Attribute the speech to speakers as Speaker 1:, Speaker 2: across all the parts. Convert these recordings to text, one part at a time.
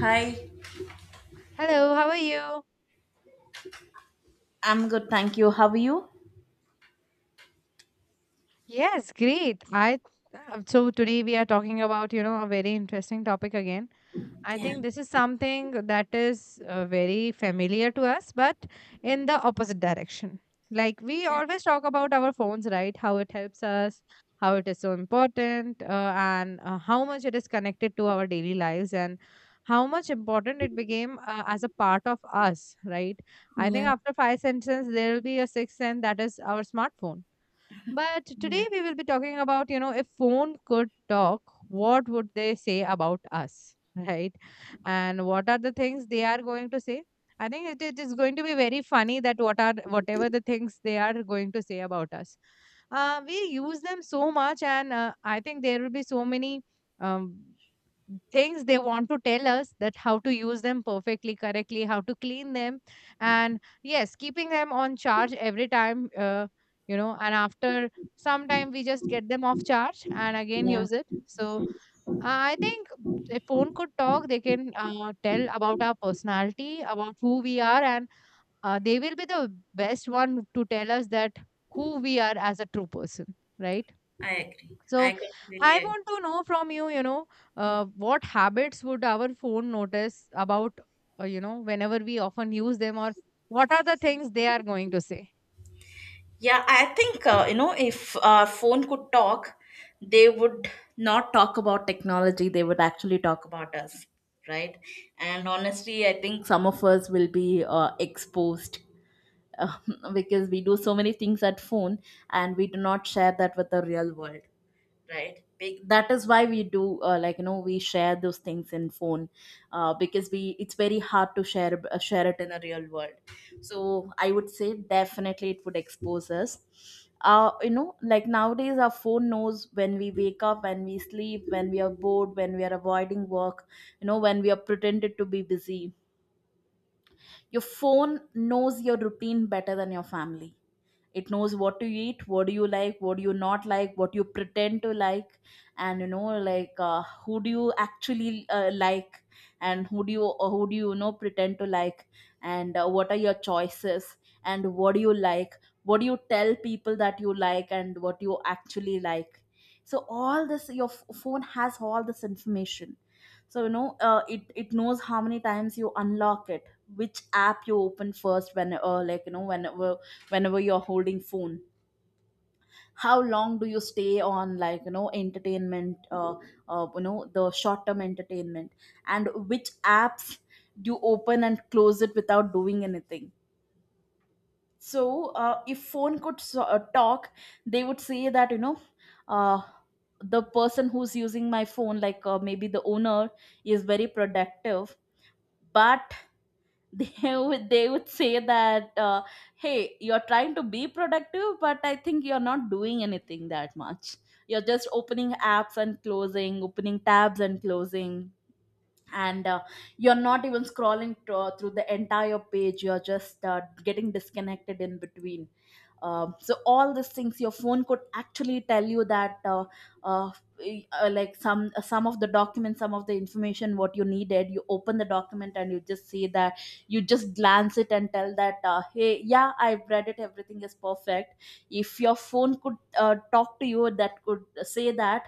Speaker 1: Hi.
Speaker 2: Hello, how are you?
Speaker 1: I'm good, thank you. How are you?
Speaker 2: Yes, great. I so today we are talking about, you know, a very interesting topic again. I
Speaker 1: Yeah,
Speaker 2: think this is something that is very familiar to us, but in the opposite direction. Like we always talk about our phones, right? How it helps us, how it is so important, and how much it is connected to our daily lives and how much important it became as a part of us, right? I
Speaker 1: Yeah,
Speaker 2: think after five sentences, there will be a sixth sense that is our smartphone. But today
Speaker 1: yeah,
Speaker 2: we will be talking about, you know, if phone could talk, what would they say about us, right? And what are the things they are going to say? I think it is going to be very funny that what are whatever the things they are going to say about us. We use them so much, and I think there will be so many. Um, Things they want to tell us that how to use them perfectly correctly, how to clean them, and yes, keeping them on charge every time, and after some time we just get them off charge and again
Speaker 1: yeah.
Speaker 2: use it. So I think if phone could talk, they can tell about our personality, about who we are, and they will be the best one to tell us that who we are as a true person, right?
Speaker 1: I agree.
Speaker 2: So
Speaker 1: I completely
Speaker 2: I
Speaker 1: agree.
Speaker 2: want to know from you, what habits would our phone notice about, whenever we often use them, or what are the things they are going to say?
Speaker 1: Yeah, I think you know if phone could talk, they would not talk about technology. They would actually talk about us, right? And honestly, I think some of us will be exposed because we do so many things at phone, and we do not share that with the real world, right. That is why we do like you know, we share those things in phone, because we it's very hard to share share it in a real world. So I would say definitely it would expose us. You know, like nowadays our phone knows when we wake up, when we sleep, when we are bored, when we are avoiding work, you know, when we are pretended to be busy. Your phone knows your routine better than your family. It knows what to eat, what do you like, what do you not like, what you pretend to like. And you know like, who do you actually like, and who do you, or who do you, you know, pretend to like. And what are your choices, and what do you like, what do you tell people that you like, and what you actually like. So all this, your phone has all this information. So you know, it knows how many times you unlock it, which app you open first, when like you know, whenever you're holding phone, how long do you stay on like you know entertainment, you know, the short term entertainment, and which apps you open and close it without doing anything. So if phone could talk, they would say that, you know, uh the person who's using my phone, like maybe the owner, is very productive. But they would, they would say that, hey, you're trying to be productive, but I think you're not doing anything that much. You're just opening apps and closing, opening tabs and closing, and you're not even scrolling through the entire page, you're just getting disconnected in between. So all these things your phone could actually tell you that, uh, like some, some of the documents, some of the information, what you needed, you open the document and you just see that, you just glance it and tell that, hey yeah, I've read it, everything is perfect. If your phone could talk to you, that could say that,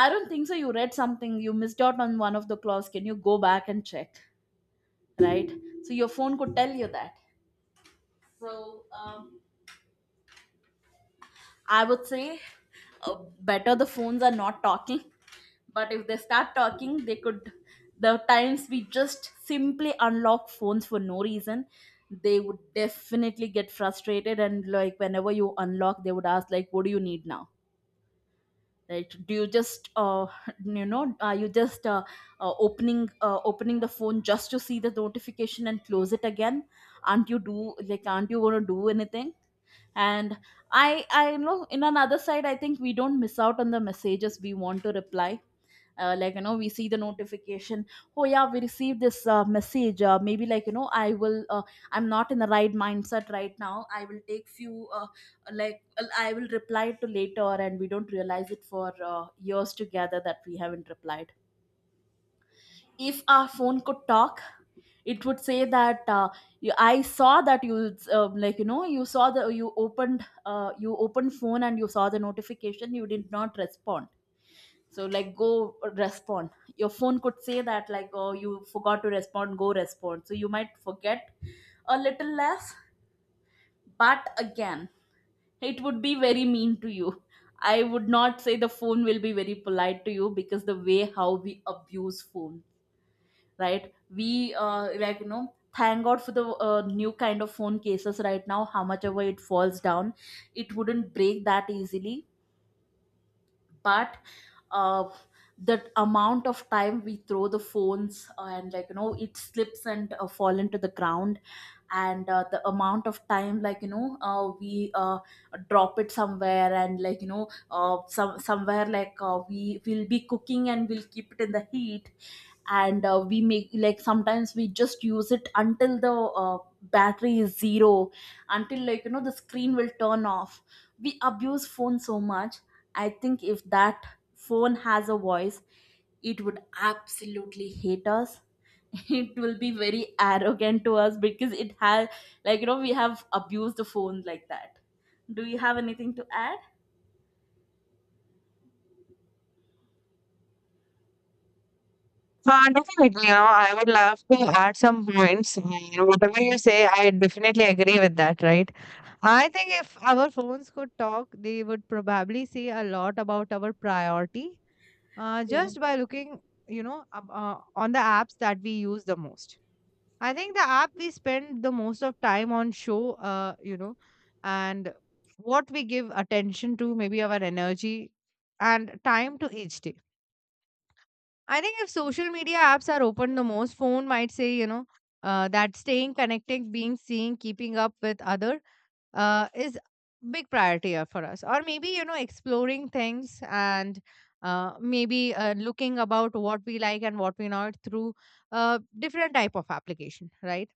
Speaker 1: I don't think so you read something, you missed out on one of the clause, can you go back and check, right? So your phone could tell you that. so um, I would say, better the phones are not talking, but if they start talking, they could. The times we just simply unlock phones for no reason, they would definitely get frustrated. And like whenever you unlock, they would ask like, "What do you need now?" Right? Do you just, you know, are you just opening, opening the phone just to see the notification and close it again? Aren't you do like? Aren't you gonna do anything? And I know, in another side, I think we don't miss out on the messages we want to reply. Like you know, we see the notification, oh yeah, we received this message, maybe like you know, I'm not in the right mindset right now, I will take few, I will reply to later, and we don't realize it for years together that we haven't replied. If our phone could talk, it would say that, you, I saw that you, like you know, you saw the, you opened, you opened phone and you saw the notification, you did not respond, so like go respond. Your phone could say that, like oh you forgot to respond, go respond, so you might forget a little less. But again, it would be very mean to you. I would not say the phone will be very polite to you, because the way how we abuse phone, right? We like you know, thank god for the new kind of phone cases right now, how much ever it falls down, it wouldn't break that easily. But uh, the amount of time we throw the phones, and like you know, it slips and fall into the ground, and the amount of time, like you know we drop it somewhere, and like you know somewhere, like we will be cooking and we'll keep it in the heat, and we make, like sometimes we just use it until the battery is zero, until like you know the screen will turn off. We abuse phone so much. I think if that phone has a voice, it would absolutely hate us. It will be very arrogant to us, because it has, like you know, we have abused the phone like that. Do you have anything to add?
Speaker 2: Definitely, I would love to add some points. And whatever you say, I definitely agree with that, right? I think if our phones could talk, they would probably say a lot about our priority, just by looking, on the apps that we use the most. I think the app we spend the most of time on show, and what we give attention to, maybe our energy and time to each day. I think if social media apps are open the most, phone might say, that staying connected, being seen, keeping up with other is big priority for us. Or maybe, you know, exploring things and maybe looking about what we like and what we not through different type of application, right?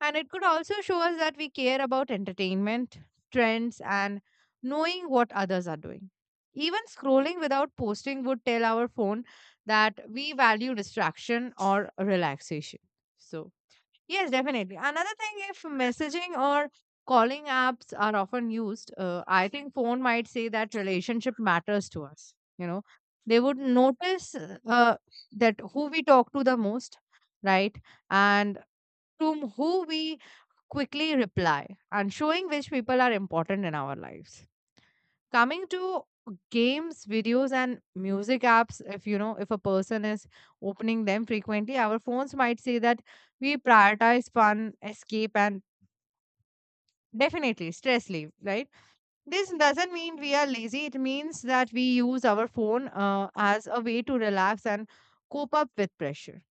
Speaker 2: And it could also show us that we care about entertainment, trends, and knowing what others are doing. Even scrolling without posting would tell our phone that we value distraction or relaxation. So, yes, definitely. Another thing, if messaging or calling apps are often used, I think phone might say that relationship matters to us. They would notice that who we talk to the most, right? And to who we quickly reply, and showing which people are important in our lives. Coming to games, videos, and music apps, if you know, if a person is opening them frequently, our phones might say that we prioritize fun, escape, and definitely stress leave, right? This doesn't mean we are lazy, it means that we use our phone as a way to relax and cope up with pressure.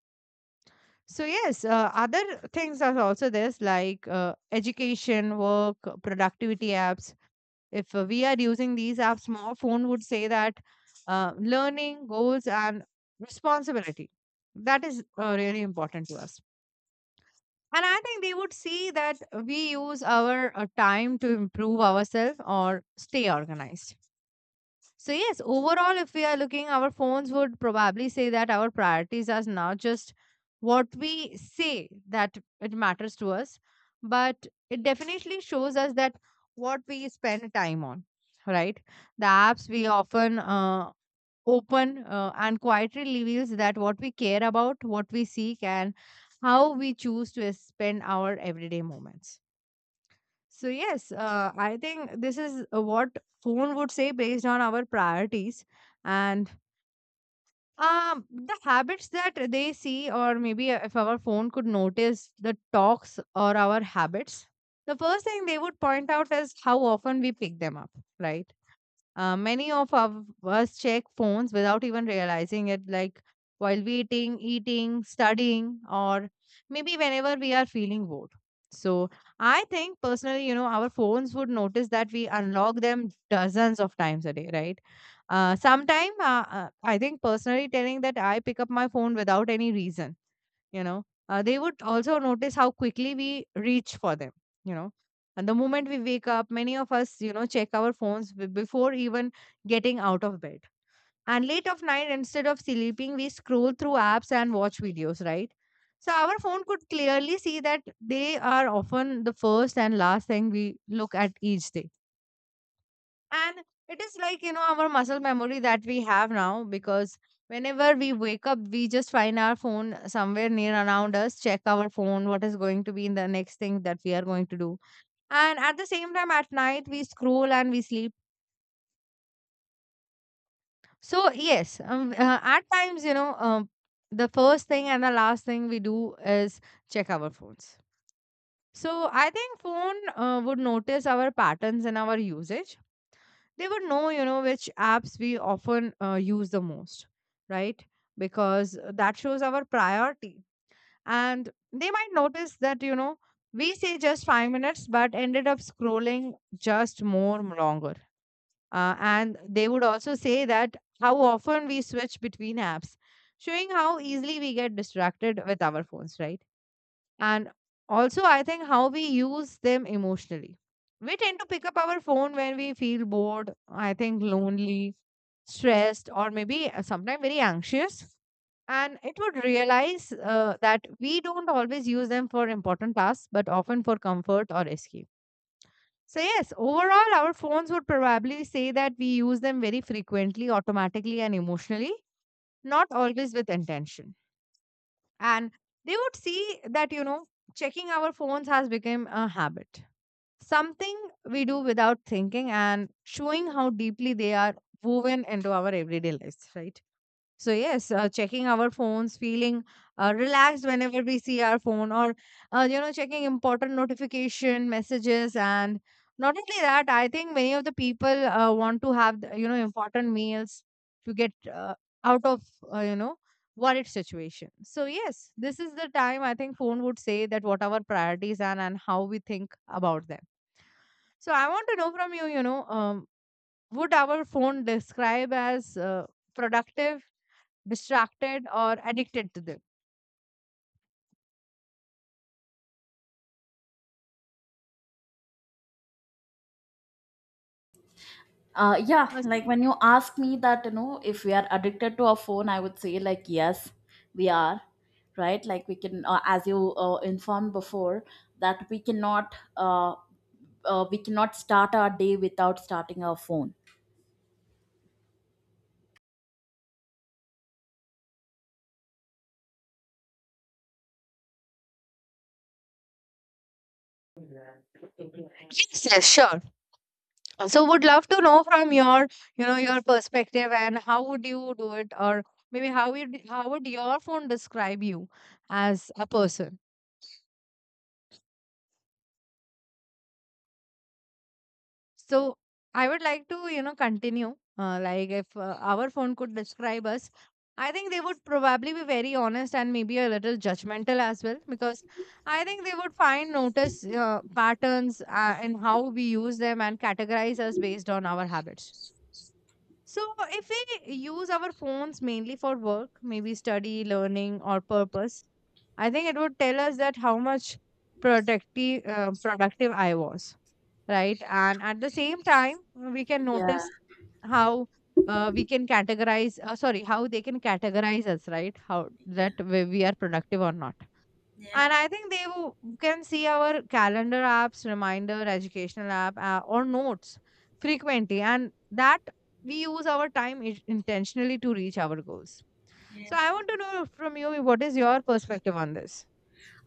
Speaker 2: So yes, other things are also this, like education, work, productivity apps. If we are using these apps more, phone would say that learning, goals, and responsibility. That is really important to us. And I think they would see that we use our time to improve ourselves or stay organized. So, yes, overall, if we are looking, our phones would probably say that our priorities are not just what we say that it matters to us, but it definitely shows us that what we spend time on, right? The apps we often open and quietly reveals that what we care about, what we seek, and how we choose to spend our everyday moments. So yes, I think this is what phone would say based on our priorities, and the habits that they see. Or maybe if our phone could notice the talks or our habits, the first thing they would point out is how often we pick them up, right? Many of us check phones without even realizing it, like while waiting, eating, studying, or maybe whenever we are feeling bored. So I think personally, you know, our phones would notice that we unlock them dozens of times a day, right? Sometime I think personally telling that I pick up my phone without any reason you know they would also notice how quickly we reach for them you know and the moment we wake up, many of us check our phones before even getting out of bed. And late of night, instead of sleeping, we scroll through apps and watch videos, right? So our phone could clearly see that they are often the first and last thing we look at each day. And it is like, our muscle memory that we have now, because whenever we wake up, we just find our phone somewhere near around us, check our phone, what is going to be in the next thing that we are going to do. And at the same time, at night, we scroll and we sleep. So, yes, at times, the first thing and the last thing we do is check our phones. So, I think phone would notice our patterns in our usage. They would know, which apps we often use the most, right? Because that shows our priority. And they might notice that we say just 5 minutes but ended up scrolling just more longer. And they would also say that how often we switch between apps, showing how easily we get distracted with our phones, right? And also I think how we use them emotionally. We tend to pick up our phone when we feel bored, I think, lonely, stressed, or maybe sometimes very anxious. And it would realize that we don't always use them for important tasks but often for comfort or escape. So yes, overall, our phones would probably say that we use them very frequently, automatically, and emotionally, not always with intention. And they would see that checking our phones has become a habit, something we do without thinking, and showing how deeply they are woven into our everyday lives, right? So yes, checking our phones, feeling relaxed whenever we see our phone, or checking important notification messages, and not only that, I think many of the people want to have the, important meals to get out of, uh, you know worried situation. So yes, this is the time I think phone would say that what our priorities are and how we think about them. So I want to know from you, would our phone describe as productive, distracted, or addicted to them?
Speaker 1: Yeah,
Speaker 2: Yes,
Speaker 1: like when you ask me that, you know, if we are addicted to our phone, I would say like yes, we are, right? Like we can, as you informed before, that we cannot start our day without starting our phone.
Speaker 2: yes, sure. So would love to know from your perspective, and how would you do it, or maybe how would your phone describe you as a person? So I would like to, continue. Like if our phone could describe us, I think they would probably be very honest and maybe a little judgmental as well, because I think they would find notice patterns in how we use them and categorize us based on our habits. So, if we use our phones mainly for work, maybe study, learning, or purpose, I think it would tell us that how much productive I was, right? And at the same time, we can
Speaker 1: Yeah.
Speaker 2: notice how we can categorize. Sorry, how they can categorize us, right? How that we are productive or not.
Speaker 1: Yeah,
Speaker 2: And I think they can see our calendar apps, reminder, educational app, or notes frequently. And that we use our time intentionally to reach our goals.
Speaker 1: yeah.
Speaker 2: So I want to know from you, what is your perspective on this?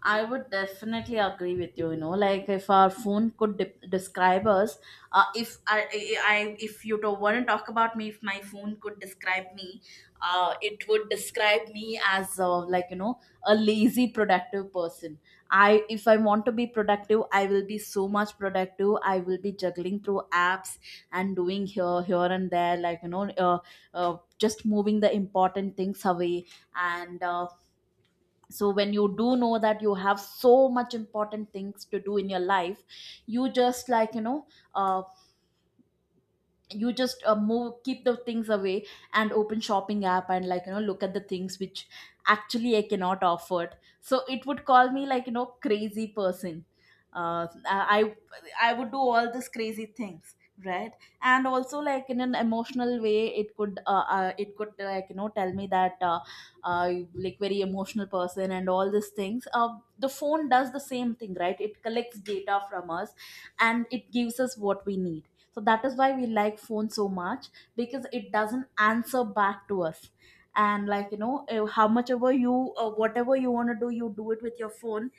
Speaker 1: I would definitely agree with you. You know, like if our phone could describe us, if if you don't want to talk about me, if my phone could describe me, it would describe me as, like you know, a lazy productive person. If I want to be productive, I will be so much productive. I will be juggling through apps and doing here, here and there, like you know, just moving the important things away. And. So when you do know that you have so much important things to do in your life, you just like you know, uh, you just move, keep the things away, and open shopping app, and like you know, look at the things which actually I cannot afford. So it would call me, like you know, crazy person. uh, i I would do all these crazy things, right. And also, like in an emotional way, it could, it could like you know tell me that, like very emotional person and all these things. The phone does the same thing, right. It collects data from us, and it gives us what we need. So that is why we like phone so much, because it doesn't answer back to us. And like you know, how much ever you whatever you want to do, you do it with your phone.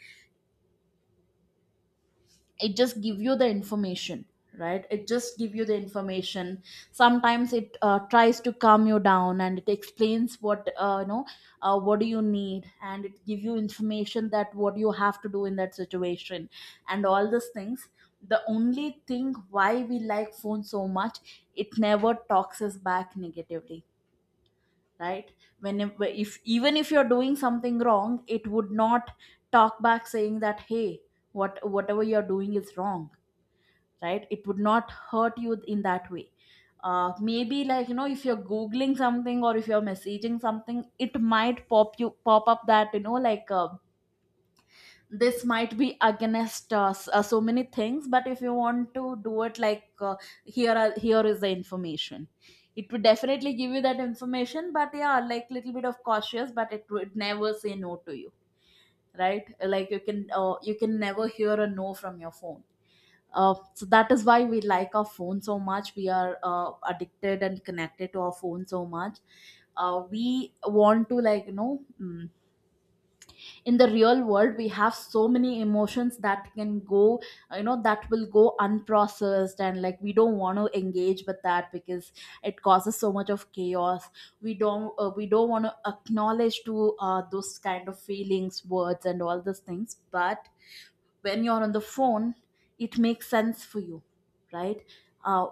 Speaker 1: It just give you the information, right. It just give you the information. Sometimes it tries to calm you down, and it explains what, you know, what do you need, and it give you information that what you have to do in that situation, and all these things. The only thing why we like phone so much, it never talks us back negatively, right. Whenever, if even if you're doing something wrong, it would not talk back saying that, hey, what, whatever you're doing is wrong, right. It would not hurt you in that way. Maybe like you know, if you're googling something, or if you're messaging something, it might pop up that you know, like this might be against, so many things, but if you want to do it, like here is the information. It would definitely give you that information, but yeah, like little bit of cautious, but it would never say no to you, right. Like you can, you can never hear a no from your phone. So that is why we like our phone so much. We are addicted and connected to our phone so much. We want to like you know, in the real world we have so many emotions that can go, you know, that will go unprocessed, and like we don't want to engage with that because it causes so much of chaos. We don't want to acknowledge to those kind of feelings, words and all those things. But when you're on the phone, it makes sense for you, right. uh,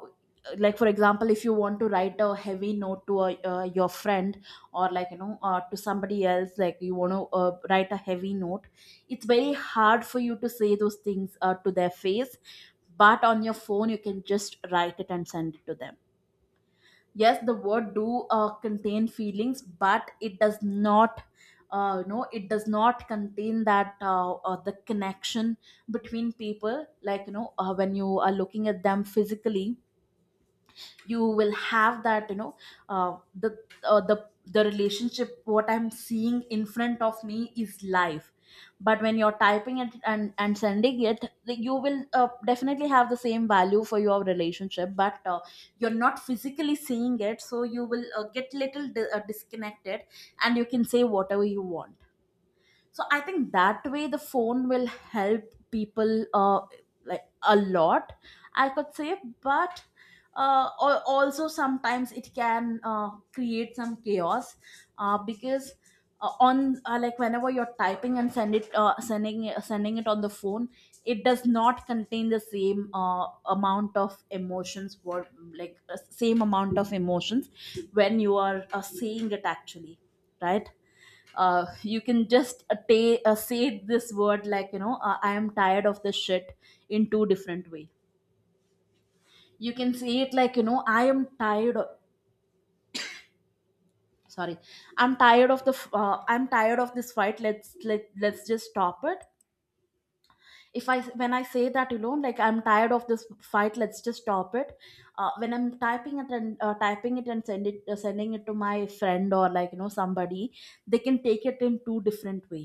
Speaker 1: like for example, if you want to write a heavy note to a, your friend, or like you know to somebody else, like you want to write a heavy note, it's very hard for you to say those things to their face, but on your phone you can just write it and send it to them. Yes, the word do contain feelings, but it does not you know it does not contain that the connection between people, like, you know, when you are looking at them physically, you will have that, you know, uh, the the relationship. What I'm seeing in front of me is live, but when you're typing it and sending it, like, you will definitely have the same value for your relationship, but you're not physically seeing it, so you will get little disconnected and you can say whatever you want. So I think that way the phone will help people, like, a lot, I could say. But also sometimes it can create some chaos, because on like, whenever you're typing and sending it on the phone, it does not contain the same amount of emotions, or like, same amount of emotions when you are seeing it actually, right. You can just say this word, like, you know, I am tired of this shit, in two different way. You can say it like, you know, I am tired of, sorry, I'm tired of I'm tired of this fight, let's just stop it. If I, when I say that, you know, like, I'm tired of this fight, let's just stop it, when I'm typing it and sending it to my friend or, like, you know, somebody, they can take it in two different way.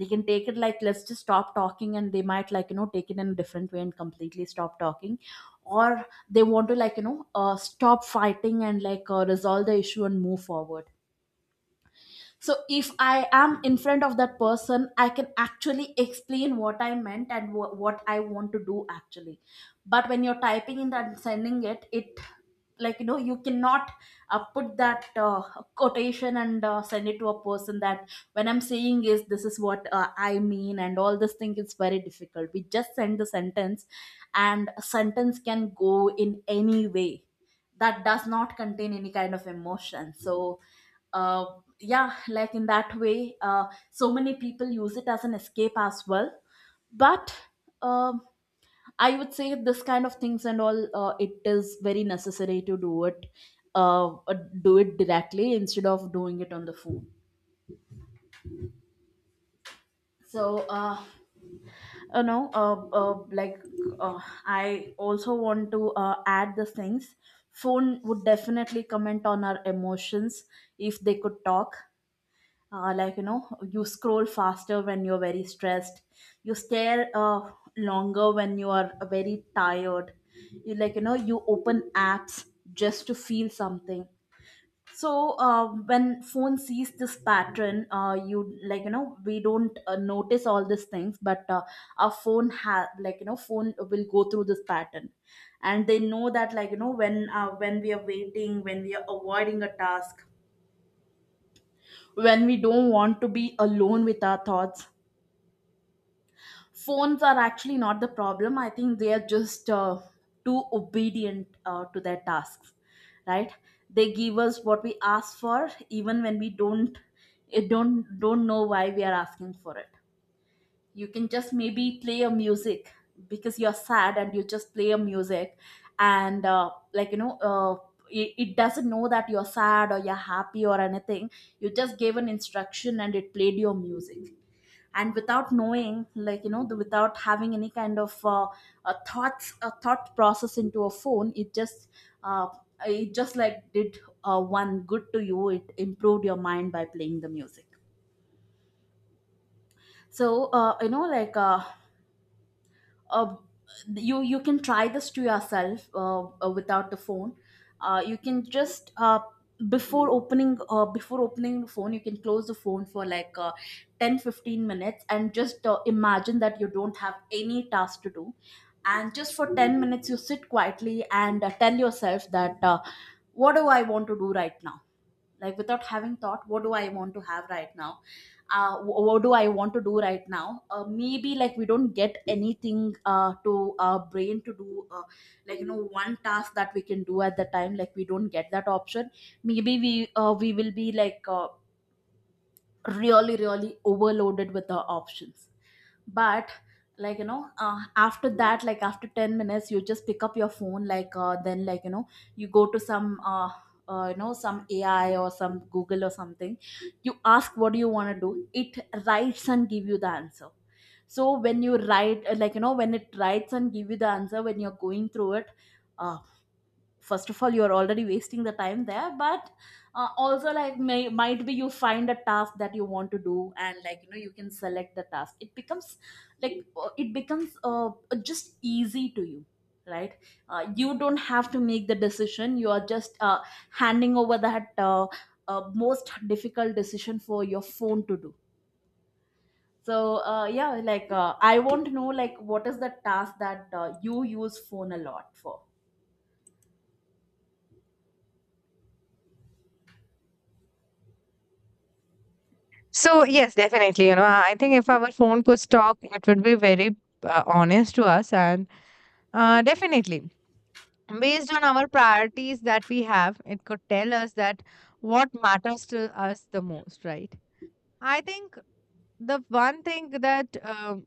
Speaker 1: They can take it like, let's just stop talking, and they might, like, you know, take it in a different way and completely stop talking, or they want to, like, you know, stop fighting and, like, resolve the issue and move forward. So if I am in front of that person, I can actually explain what I meant and what I want to do actually. But when you're typing in that and sending it, it, like, you know, you cannot put that quotation and send it to a person that when I'm saying is, this is what I mean, and all this thing is very difficult. We just send the sentence, and a sentence can go in any way. That does not contain any kind of emotion. So, uh, yeah, like, in that way, so many people use it as an escape as well. But um I would say this kind of things and all, it is very necessary to uh, uh, do it directly instead of doing it on the phone. So, like, uh, I also want to add the things. Phone would definitely comment on our emotions if they could talk. Like, you know, you scroll faster when you're very stressed, you stare longer when you are very tired, you, like, you know, you open apps just to feel something. So when phone sees this pattern, you, like, you know, we don't notice all these things, but our phone have, like, you know, phone will go through this pattern, and they know that, like, you know, when we are waiting, when we are avoiding a task, when we don't want to be alone with our thoughts. Phones are actually not the problem. I think they are just too obedient to their tasks, right? They give us what we ask for, even when we don't, it don't know why we are asking for it. You can just maybe play a music because you're sad, and you just play a music, and like, you know. It doesn't know that you're sad or you're happy or anything. You just gave an instruction and it played your music, and without knowing, like, you know, without having any kind of thought process into a phone, it just uh, it just, like, did one good to you, it improved your mind by playing the music. So you know, like, uh, you you can try this to yourself without the phone. You can just, before opening the phone, you can close the phone for like 10 15 minutes and just imagine that you don't have any task to do, and just for 10 minutes you sit quietly and tell yourself that what do I want to do right now, like, without having thought, what do I want to have right now, what do I want to do right now. Maybe, like, we don't get anything to our brain to do, like, you know, one task that we can do at the time, like, we don't get that option. Maybe we will be, like, really really overloaded with the options. But, like, you know, after that, like, after 10 minutes, you just pick up your phone, like, then, like, you know, you go to some you know, some ai or some google or something. You ask, what do you want to do, it writes and give you the answer. So when you write like, you know, when it writes and give you the answer, when you're going through it, uh, first of all, you're already wasting the time there. But also, like, might be you find a task that you want to do, and, like, you know, you can select the task, it becomes like it becomes just easy to you, right. You don't have to make the decision, you are just handing over that most difficult decision for your phone to do. So yeah, like, I want to know, like, what is the task that you use phone a lot for.
Speaker 2: So, yes, definitely. I think if our phone could talk, it would be very honest to us. And definitely, based on our priorities that we have, it could tell us that what matters to us the most, right? I think the one thing that um,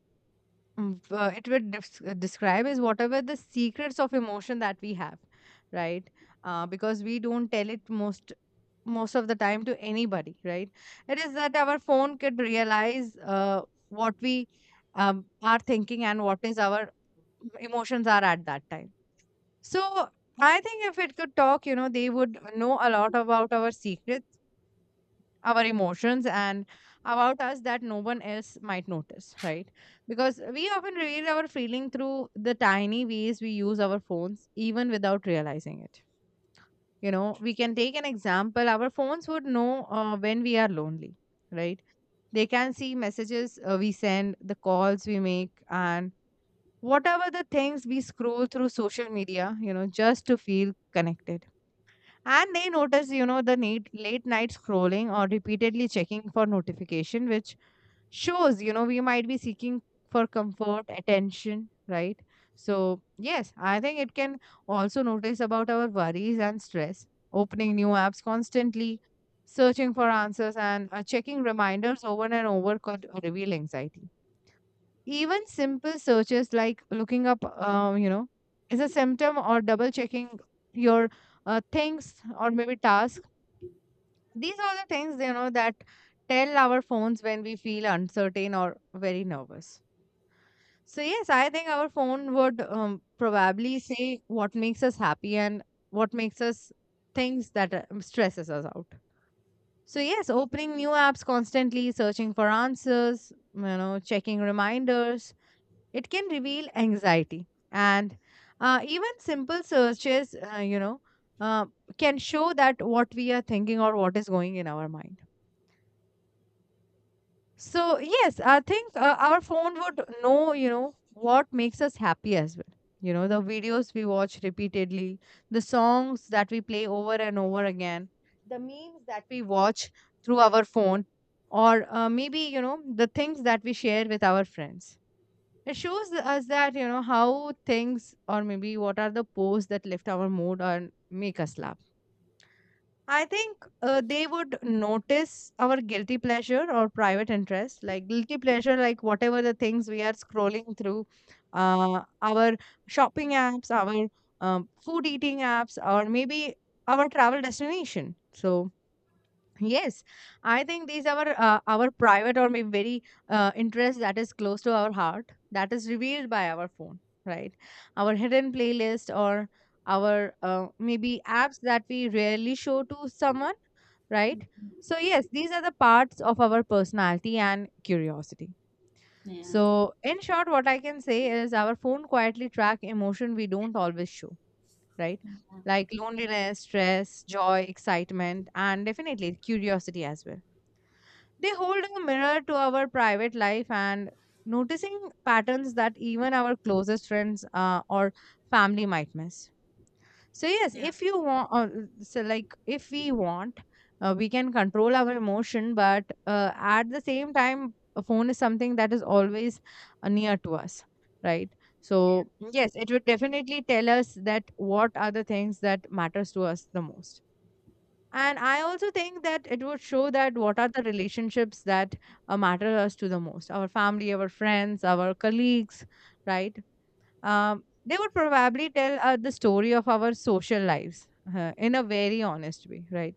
Speaker 2: mm, uh, it would describe is whatever the secrets of emotion that we have, right? Because we don't tell it most of the time to anybody, right? It is that our phone could realize what we are thinking and what is our emotions are at that time. So I think if it could talk, you know, they would know a lot about our secrets, our emotions, and about us that no one else might notice, right? Because we often reveal our feeling through the tiny ways we use our phones, even without realizing it. You know, we can take an example. Our phones would know when we are lonely, right? They can see messages we send, the calls we make, and whatever the things we scroll through social media, you know, just to feel connected. And they notice, you know, the need, late night scrolling or repeatedly checking for notification, which shows, you know, we might be seeking for comfort, attention, right? So, yes, I think it can also notice about our worries and stress, opening new apps constantly, searching for answers, and checking reminders over and over could reveal anxiety. Even simple searches like looking up, is a symptom or double checking your things or maybe tasks. These are the things, you know, that tell our phones when we feel uncertain or very nervous. So, yes, I think our phone would probably say what makes us happy and what makes us things that stresses us out. So, yes, opening new apps constantly, searching for answers, you know, checking reminders, it can reveal anxiety, and even simple searches, uh, can show that what we are thinking or what is going in our mind. So yes, I think our phone would know, you know, what makes us happy as well. You know, the videos we watch repeatedly, the songs that we play over and over again, the memes that we watch through our phone, or maybe, you know, the things that we share with our friends. It shows us that, you know, how things or maybe what are the posts that lift our mood and make us laugh. I think they would notice our guilty pleasure or private interest, like guilty pleasure, like whatever the things we are scrolling through, our shopping apps, our food eating apps, or maybe our travel destination. So, yes, I think these are our private or maybe very interest that is close to our heart that is revealed by our phone, right? Our hidden playlist or our maybe apps that we rarely show to someone, right? So yes, these are the parts of our personality and curiosity.
Speaker 1: Yeah.
Speaker 2: So in short, what I can say is our phone quietly track emotion we don't always show, right? Like loneliness, stress, joy, excitement, and definitely curiosity as well. They hold a mirror to our private life and noticing patterns that even our closest friends or family might miss. So yes,
Speaker 1: Yeah.
Speaker 2: if you want, so like if we want, we can control our emotion, but at the same time, a phone is something that is always near to us, right? So yes, it would definitely tell us that what are the things that matters to us the most. And I also think that it would show that what are the relationships that matter us to the most, our family, our friends, our colleagues, right? They would probably tell the story of our social lives in a very honest way, right?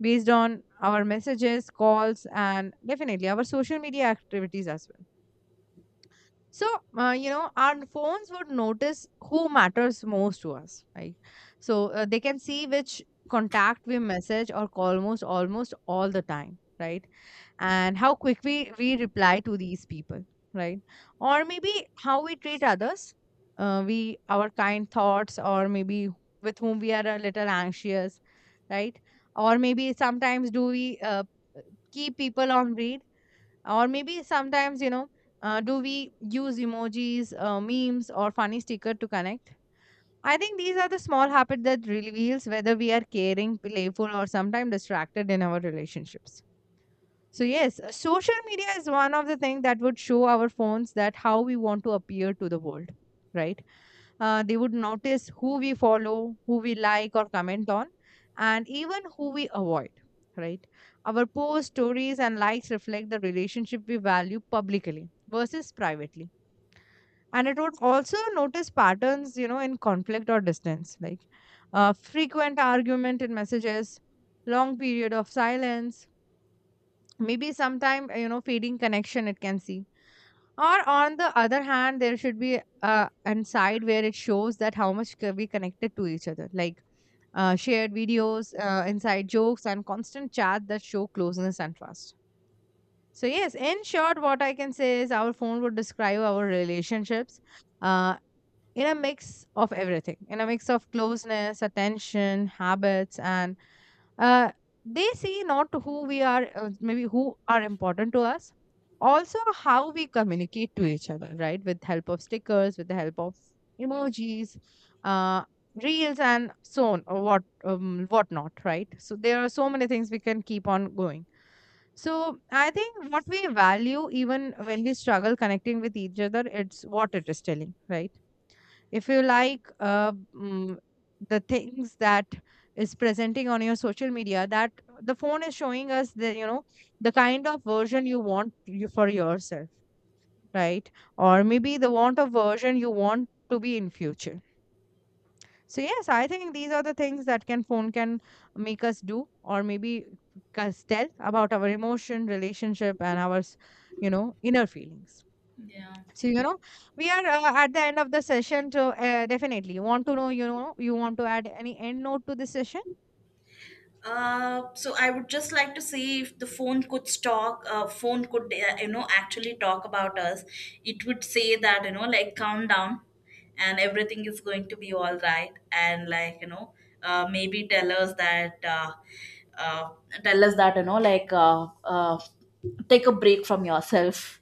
Speaker 2: Based on our messages, calls, and definitely our social media activities as well. So you know, our phones would notice who matters most to us, right? So they can see which contact we message or call most almost all the time, right? And how quick we reply to these people, right? Or maybe how we treat others, we our kind thoughts or maybe with whom we are a little anxious, right? Or maybe sometimes do we keep people on read, or maybe sometimes, you know, do we use emojis, memes or funny sticker to connect. I think these are the small habit that reveals whether we are caring, playful, or sometimes distracted in our relationships. So yes, social media is one of the things that would show our phones that how we want to appear to the world, right? They would notice who we follow, who we like or comment on, and even who we avoid, right? Our posts, stories, and likes reflect the relationship we value publicly versus privately. And it would also notice patterns, you know, in conflict or distance, like frequent argument in messages, long period of silence, maybe sometime, you know, fading connection it can see. Or on the other hand, there should be an side where it shows that how much we connected to each other, like shared videos, inside jokes, and constant chat that show closeness and trust. So yes, in short, what I can say is our phone would describe our relationships uh, in a mix of everything, in a mix of closeness, attention, habits, and uh, they see not who we are, maybe who are important to us, also how we communicate to each other, right, with help of stickers, with the help of emojis, uh, reels and so on, or what whatnot, right? So there are so many things we can keep on going. So I think what we value even when we struggle connecting with each other, it's what it is telling, right? If you like the things that is presenting on your social media, that the phone is showing us the, you know, the kind of version you want you for yourself, right? Or maybe the want of version you want to be in future. So yes, I think these are the things that can phone can make us do, or maybe us tell about our emotion, relationship, and our you know, inner feelings.
Speaker 1: Yeah.
Speaker 2: So, you know, we are at the end of the session. So, definitely, you want to know, you want to add any end note to this session?
Speaker 1: So I would just like to see if the phone could talk. Phone could you know, actually talk about us. It would say that, you know, like, calm down, and everything is going to be all right. And like, you know, maybe tell us that uh, tell us that, you know, like, take a break from yourself.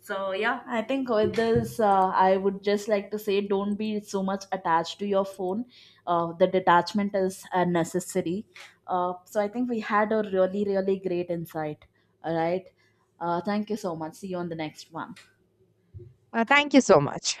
Speaker 1: So yeah, I think with this, I would just like to say, don't be so much attached to your phone. The detachment is necessary. So I think we had a really, really great insight. All right. Thank you so much. See you on the next one.
Speaker 2: Thank you so much.